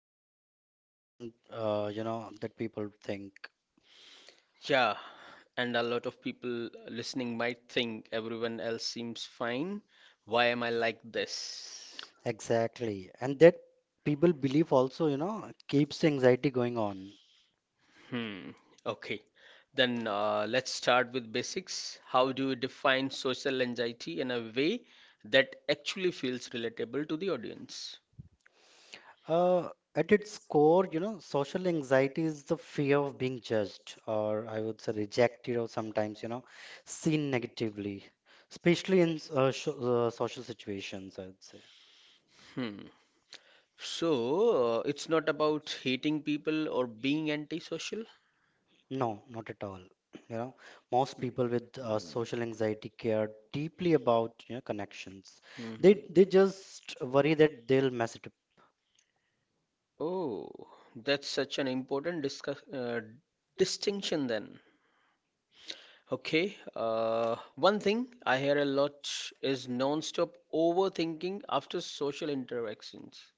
more common, that people think. Yeah, and a lot of people listening might think everyone else seems fine. Why am I like this? Exactly, and that people believe also, you know, keeps the anxiety going on. Hmm, okay. Then let's start with basics. How do you define social anxiety in a way that actually feels relatable to the audience? Uh, at its core, you know, social anxiety is the fear of being judged, or I would say rejected, or sometimes, you know, seen negatively, especially in social situations, I would say. Hmm. So, it's not about hating people or being antisocial? No, not at all. You know, most people with social anxiety care deeply about you know connections. Hmm. They just worry that they'll mess it up. Oh, that's such an important distinction then. Okay, one thing I hear a lot is non-stop overthinking after social interactions.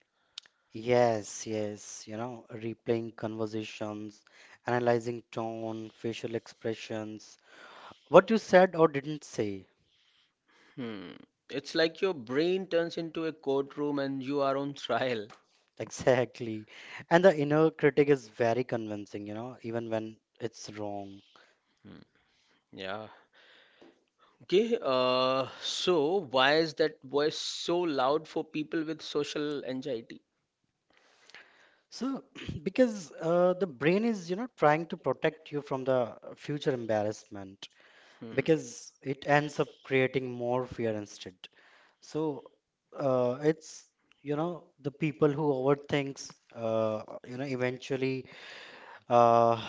Yes, yes. You know, replaying conversations, analyzing tone, facial expressions, what you said or didn't say. Hmm. It's like your brain turns into a courtroom and you are on trial. Exactly. And the inner critic is very convincing. You know, even when it's wrong. Hmm. Yeah. Okay, so why is that voice so loud for people with social anxiety? So, because the brain is, you know, trying to protect you from the future embarrassment, Hmm. because it ends up creating more fear instead. So, uh, it's, you know, the people who overthinks, eventually uh,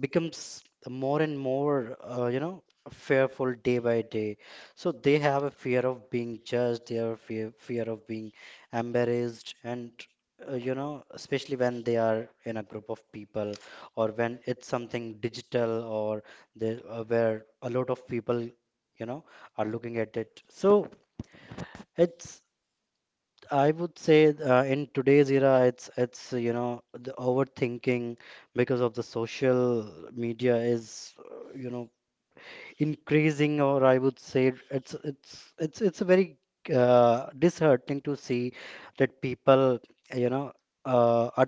becomes more and more you know fearful day by day, so they have a fear of being judged, they have a fear of being embarrassed, and you know, especially when they are in a group of people, or when it's something digital, or where a lot of people you know are looking at it. So it's, I would say, in today's era, it's you know the overthinking because of the social media is, you know, increasing, or I would say it's a very disheartening to see that people, you know, are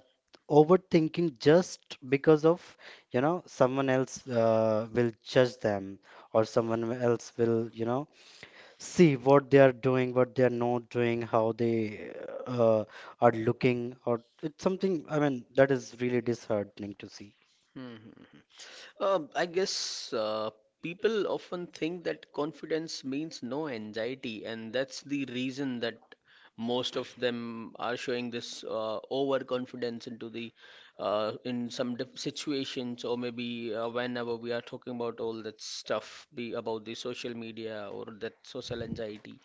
overthinking just because of, you know, someone else will judge them, or someone else will, you know, see what they are doing, what they are not doing, how they uh, are looking, or it's something. I mean, that is really disheartening to see. Hmm. Hmm, hmm. I guess people often think that confidence means no anxiety, and that's the reason that most of them are showing this overconfidence into the in some diff situations, or maybe whenever we are talking about all that stuff be about the social media or that social anxiety.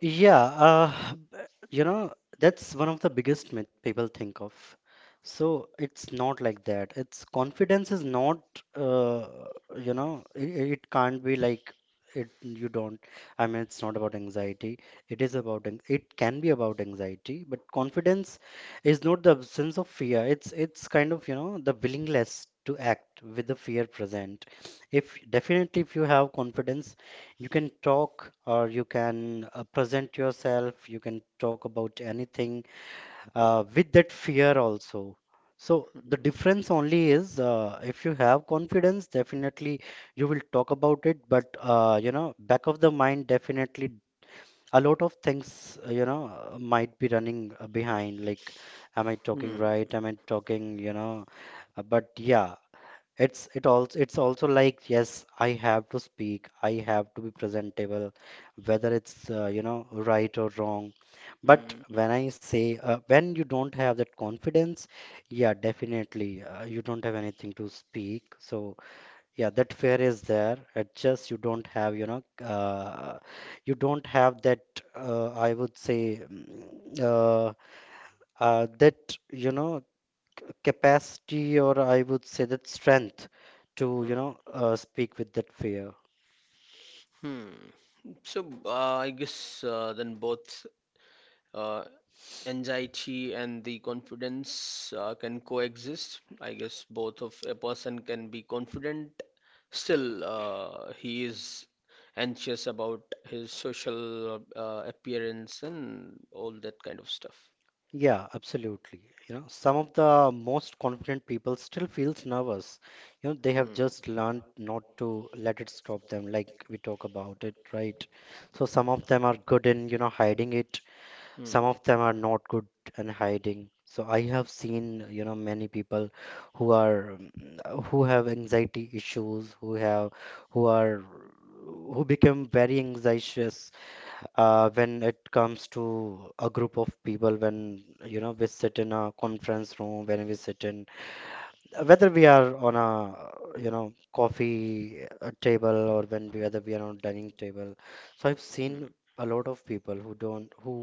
Yeah, b- you know, that's one of the biggest myth people think of. So it's not like that. It's confidence is not, uh, it can't be like it. You don't. I mean, it's not about anxiety. It is about. It can be about anxiety, but confidence is not the absence of fear. It's kind of you know the willingness to act with the fear present. If definitely if you have confidence you can talk, or you can present yourself, you can talk about anything with that fear also. So the difference only is, if you have confidence, definitely you will talk about it, but you know, back of the mind, definitely a lot of things, you know, might be running behind, like am I talking Hmm. right, am I talking, you know. But yeah, it also, it's also like yes I have to speak, I have to be presentable, whether it's, you know, right or wrong. But Hmm. when I say, when you don't have that Hmm. confidence, yeah, definitely, you don't have anything to speak. So yeah, that fear is there, it just you don't have, you know, you don't have that I would say mm, uh, that you know capacity, or I would say that strength to you Hmm. know speak with that fear. Hmm. So I guess then both uh, anxiety and the confidence can coexist. I guess both of a person can be confident, still he is anxious about his social appearance and all that kind of stuff. Yeah, absolutely. You know, some of the most confident people still feels nervous. You know, they have just learned not to let it stop them, like we talk about it, right? So some of them are good in you know hiding it, Hmm. some of them are not good and hiding. So I have seen, you know, many people who are who have anxiety issues, who have who are who become very anxious, when it comes to a group of people, when you know we sit in a conference room, when we sit in, whether we are on a you know coffee table, or when we whether we are on dining table. So I've seen Hmm. a lot of people who don't who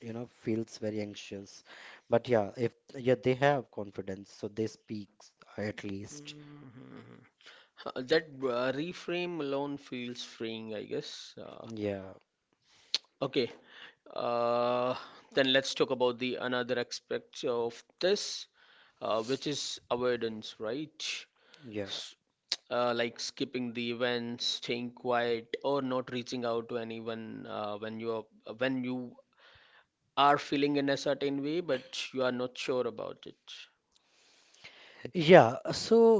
you know feels very anxious, but yeah, if yeah they have Hmm. confidence, so they speak at least. Mhm, mhm. That reframe alone feels freeing, I guess. Uh, Yeah, okay, uh, then let's talk about the another aspect of this, which is avoidance, right? yeah. Yeah. Like skipping the events, staying quiet, or not reaching out to anyone when you are feeling in a certain way, but you are not sure about it. Yeah, so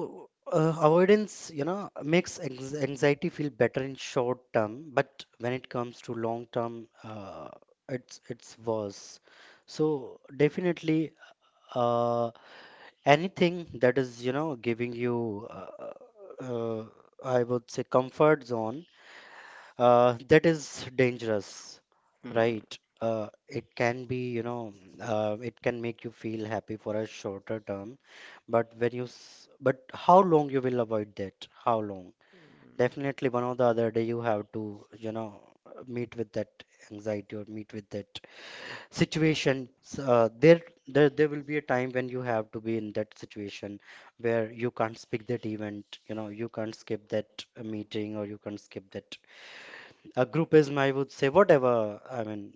avoidance, you know, makes anxiety feel better in short term, but when it comes to long term, it's worse. So definitely, uh, anything that is, you know, giving you, uh, I would say, comfort zone, that is dangerous, right? Hmm. It can be, you know, it can make you feel happy for a shorter term, but but how long you will avoid that? How long? Definitely one or the other day you have to, you know, meet with that anxiety, or meet with that situation. There will be a time when you have to be in that situation where you can't skip that event, you know, you can't skip that meeting, or you can't skip that a group is, I would say, whatever, I mean,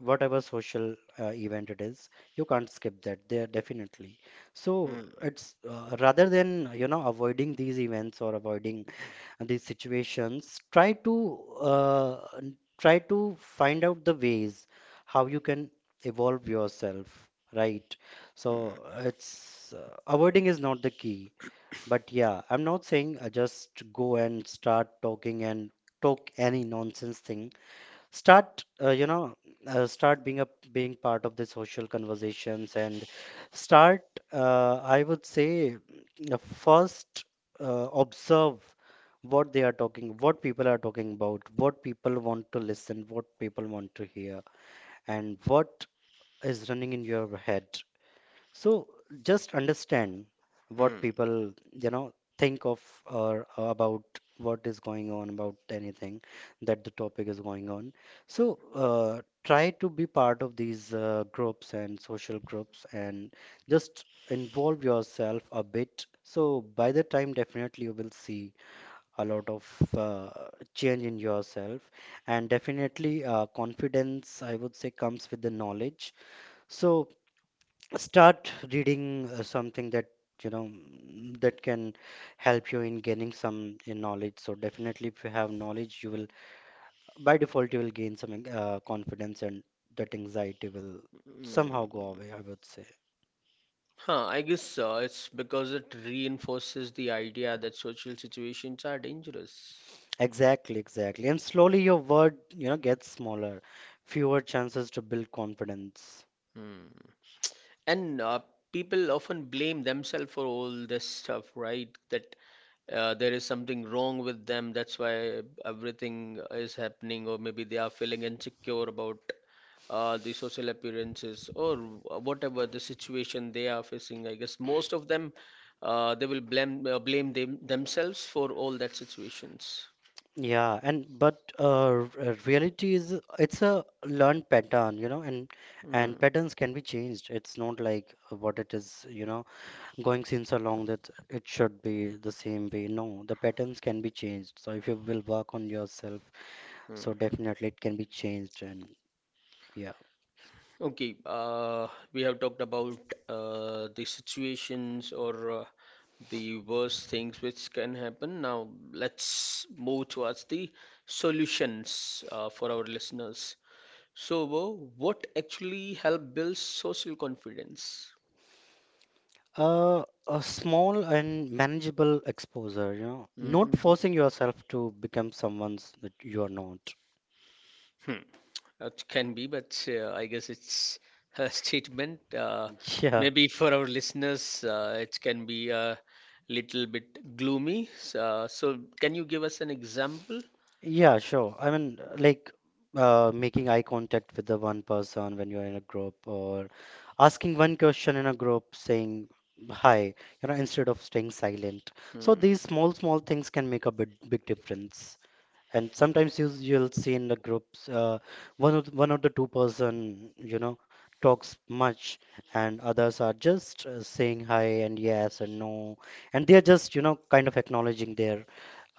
whatever social event it is, you can't skip that there definitely. So Mm, it's, rather than, you know, avoiding these events or avoiding these situations, try to try to find out the ways how you can evolve yourself, right? So mm, it's, avoiding is not the key. But yeah, I'm not saying just go and start talking and talk any nonsense thing, start uh, you know start being part of the social conversations and start, I would say first observe what they are talking, what people are talking about, what people want to listen, what people want to hear, and what is running in your head. So just understand what mm, people, you know, think of, or about what is going on, about anything that the topic is going on. So try to be part of these groups and social groups and just involve yourself a bit. So by the time, definitely you will see a lot of change in yourself, and definitely, confidence, I would say, comes with the knowledge. So start reading something that you know that can help you in gaining some knowledge. So definitely if you have knowledge, you will by default you will gain some confidence, and that anxiety will somehow mm. go away, I would say. Huh, I guess it's because it reinforces the idea that social situations are dangerous. Exactly, exactly. And slowly your word, you know, gets smaller, fewer chances to build confidence. Hmm. And people often blame themselves for all this stuff, right? That there is something wrong with them, that's why everything is happening, or maybe they are feeling insecure about the social appearances or whatever the situation they are facing. I guess most of them they will blame themselves for all that situations. Yeah, and but reality is it's a learned pattern, you know, Hmm. and patterns can be changed. It's not like what it is, you know, going since along that it should be the same way. No, the patterns can be changed. So if you will work on yourself, Hmm, so hmm. definitely it can be changed. And yeah, Okay, we have talked about the situations, or the worst things which can happen. Now, let's move towards the solutions for our listeners. So, Wo, what actually help build social confidence? A small and manageable exposure, you know, Mhm. not forcing yourself to become someone that you are not. Hmm. It can be, but I guess it's a statement. Uh, Yeah. maybe for our listeners, uh, it can be a little bit gloomy. So, can you give us an example? Yeah, sure. I mean, making eye contact with the one person when you're in a group, or asking one question in a group, saying hi, you know, instead of staying silent. So Hmm. these small, small things can make a big, big difference. And sometimes you'll see in the groups, one of the two person you know talks much, and others are just saying hi and yes and no, and they're just you know kind of acknowledging their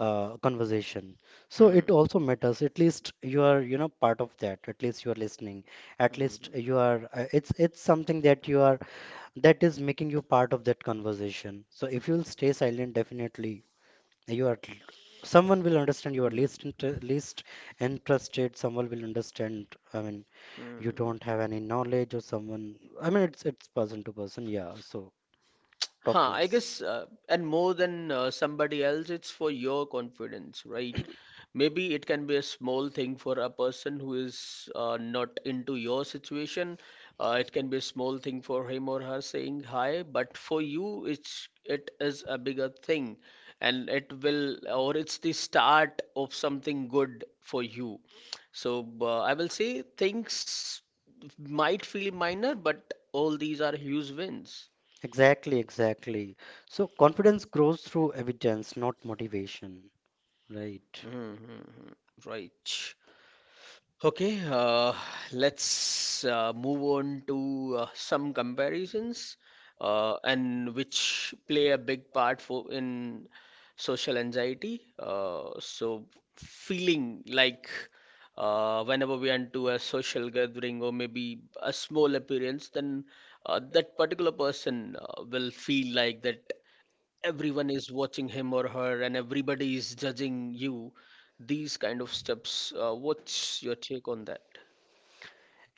conversation. So Hmm. it also matters, at least you are you know part of that, at least you are listening, at least you Hmm. are it's something that you are, that is making you part of that conversation. So if you'll stay silent, definitely you are someone will understand you are least interested, someone will understand, I mean you Hmm. don't have any knowledge, or someone, I mean it's person to person, yeah, so talk Huh, I less. guess, uh, and more than somebody else, it's for your confidence, right? Maybe it can be a small thing for a person who is not into your situation. It can be a small thing for him or her saying hi, but for you, it is a bigger thing, and it will or it's the start of something good for you. So I will say things might feel minor, but all these are huge wins. Exactly, exactly. So confidence grows through evidence, not motivation, right? Hmm, hmm, hmm. Right. Okay, let's move on to some comparisons and which play a big part for in social anxiety. So feeling like whenever we are into a social gathering or maybe a small appearance, then that particular person will feel like that everyone is watching him or her and everybody is judging you these kind of steps what's your take on that.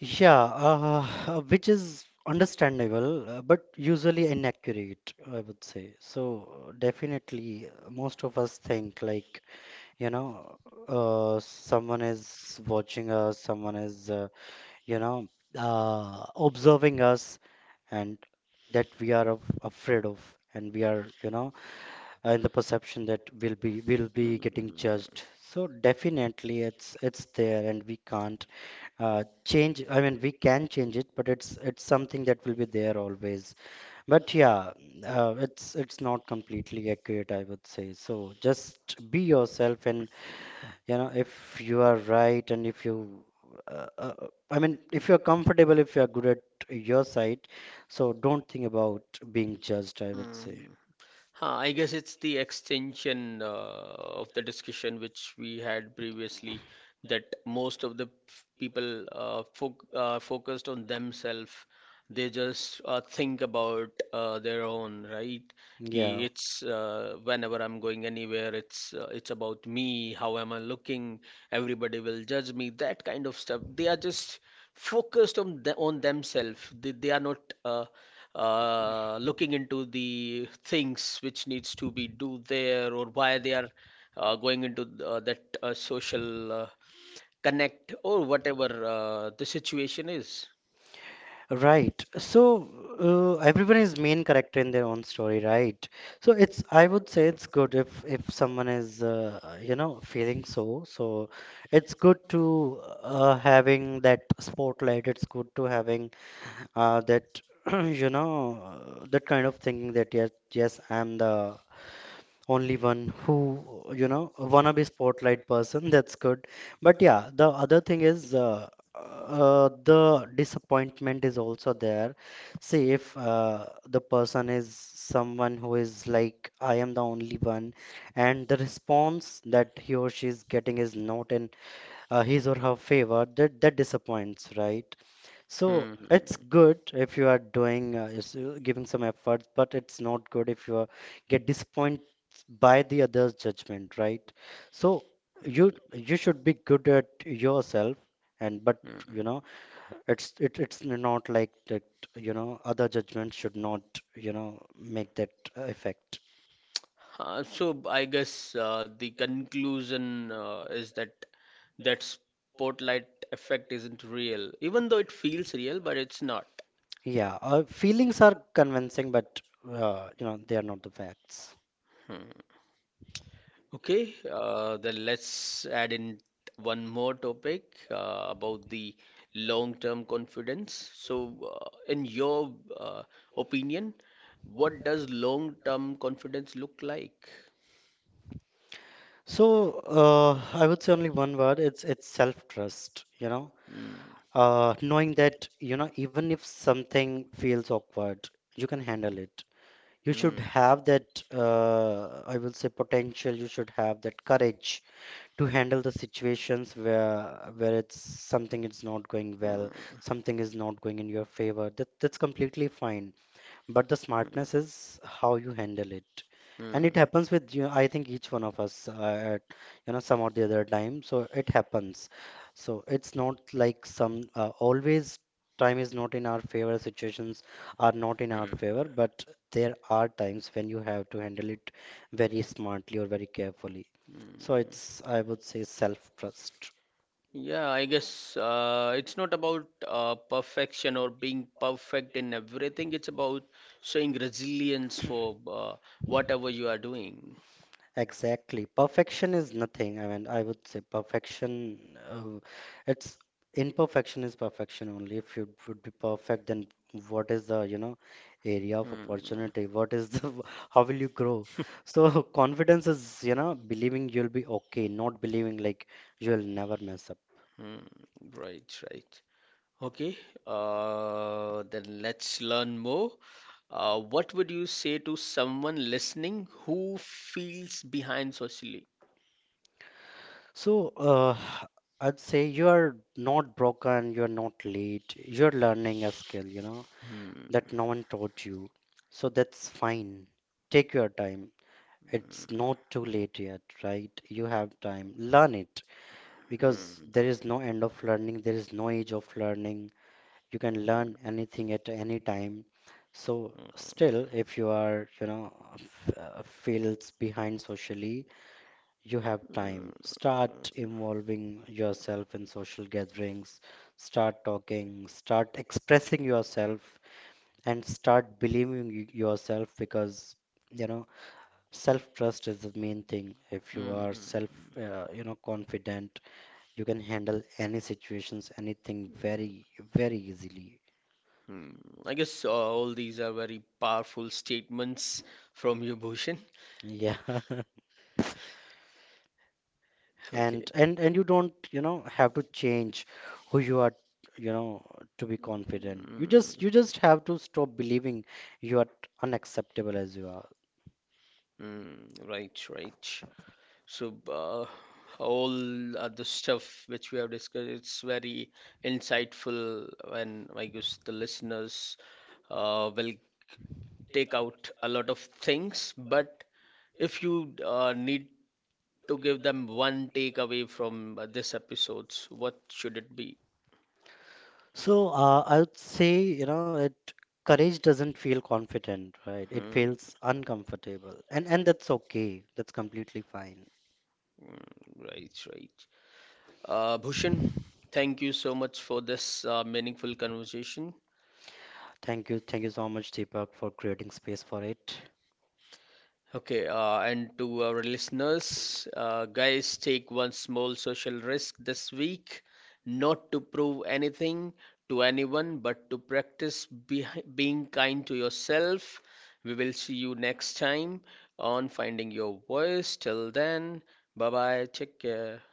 Yeah. uh, which is understandable, but usually inaccurate, I would say. So definitely, most of us think like you know, someone is watching us, someone is, you know, observing us, and that we are afraid of, and we are you know, in the perception that we'll be getting Hmm. judged. So definitely it's there, and we can't uh, change, I mean we can change it, but it's something that will be there always. But yeah, it's not completely accurate, I would say. So just be yourself, and you know if you are right, and if you uh, uh, I mean if you're comfortable, if you're good at your side, so don't think about being judged, I would say. Mm. Huh, I guess it's the extension of the discussion which we had previously that most of the p- people fo focused on themselves. They just think about their own, right? Ki Yeah. It's whenever I'm going anywhere, it's about me. How am I looking? Everybody will judge me. That kind of stuff. They are just focused on on themselves. They are not uh, looking into the things which needs to be do there or why they are going into that social connect or whatever the situation is. Right. So everyone is main character in their own story, right? So it's I would say it's good if someone is you know feeling so. So it's good to having that spotlight. It's good to having that you know that kind of thinking that yes I'm the only one who you know wanna be spotlight person that's good. But yeah, the other thing is the disappointment is also there. See, if the person is someone who is like I am the only one, and the response that he or she is getting is not in his or her favor, that disappoints, right? So Hmm. it's good if you are doing giving some effort, but it's not good if you are, get disappointed by the other's judgment, right? So you should be good at yourself, and but you know it's not like that. You know, other judgment should not you know make that effect. So I guess the conclusion is that that spotlight effect isn't real, even though it feels real, but it's not. Yeah, feelings are convincing, but you know they are not the facts. Hmm. Okay, then let's add in one more topic about the long-term confidence. So, in your opinion, what does long-term confidence look like? So I would say only one word. It's self trust. You know Hmm. Knowing that you know even if something feels awkward you can handle it. You should Hmm. have that I will say potential, you should have that courage to handle the situations where it's something is not going well, Hmm. something is not going in your favor, that's completely fine, but the smartness is how you handle it. And Hmm. it happens with you, I think each one of us at you know some or the other time, so it happens. So it's not like some always time is not in our favor, situations are not in our favor, but there are times when you have to handle it very smartly or very carefully. So Mm. it's I would say self trust. Yeah, I guess it's not about perfection or being perfect in everything. It's about showing resilience for whatever you are doing. Exactly. Perfection is nothing. I mean, I would say perfection, uh, it's imperfection is perfection only. If you would be perfect, then what is the, you know, area of Mm. opportunity? What is the, how will you grow? So confidence is, you know, believing you'll be okay, not believing like you'll never mess up. Mm, right, right. Okay, then let's learn more. What would you say to someone listening who feels behind socially? So, I'd say you are not broken, you are not late, you're learning a skill, you know, Hmm. that no one taught you. So that's fine. Take your time. It's not too late yet, right? You have time. Learn it, because there is no end of learning, there is no age of learning. You can learn anything at any time. So, still, Hmm. if you are, you know, feels behind socially, you have time. Start involving yourself in social gatherings, start talking, start expressing yourself, and start believing yourself, because you know self trust is the main thing. If you are self Hmm, you know confident, you can handle any situations anything very very easily. hmm. I guess all these are very powerful statements from you, Bhushan. Yeah. Okay. And you don't you know have to change who you are, you know, to be confident. You Hmm. just you just have to stop believing you are unacceptable as you are. Hmm. Right, right. So, all other stuff which we have discussed, it's very insightful, and I guess the listeners will take out a lot of things. But if you need to give them one takeaway from this episodes, what should it be? So I would say, you know, it courage doesn't feel confident, right? It Hmm. feels uncomfortable, and that's okay. That's completely fine. Mm, right, right. Bhushan, thank you so much for this meaningful conversation. Thank you, so much, Deepak, for creating space for it. Okay, and to our listeners, guys, take one small social risk this week, not to prove anything to anyone, but to practice be being kind to yourself. We will see you next time on Finding Your Voice. Till then, bye bye, take care.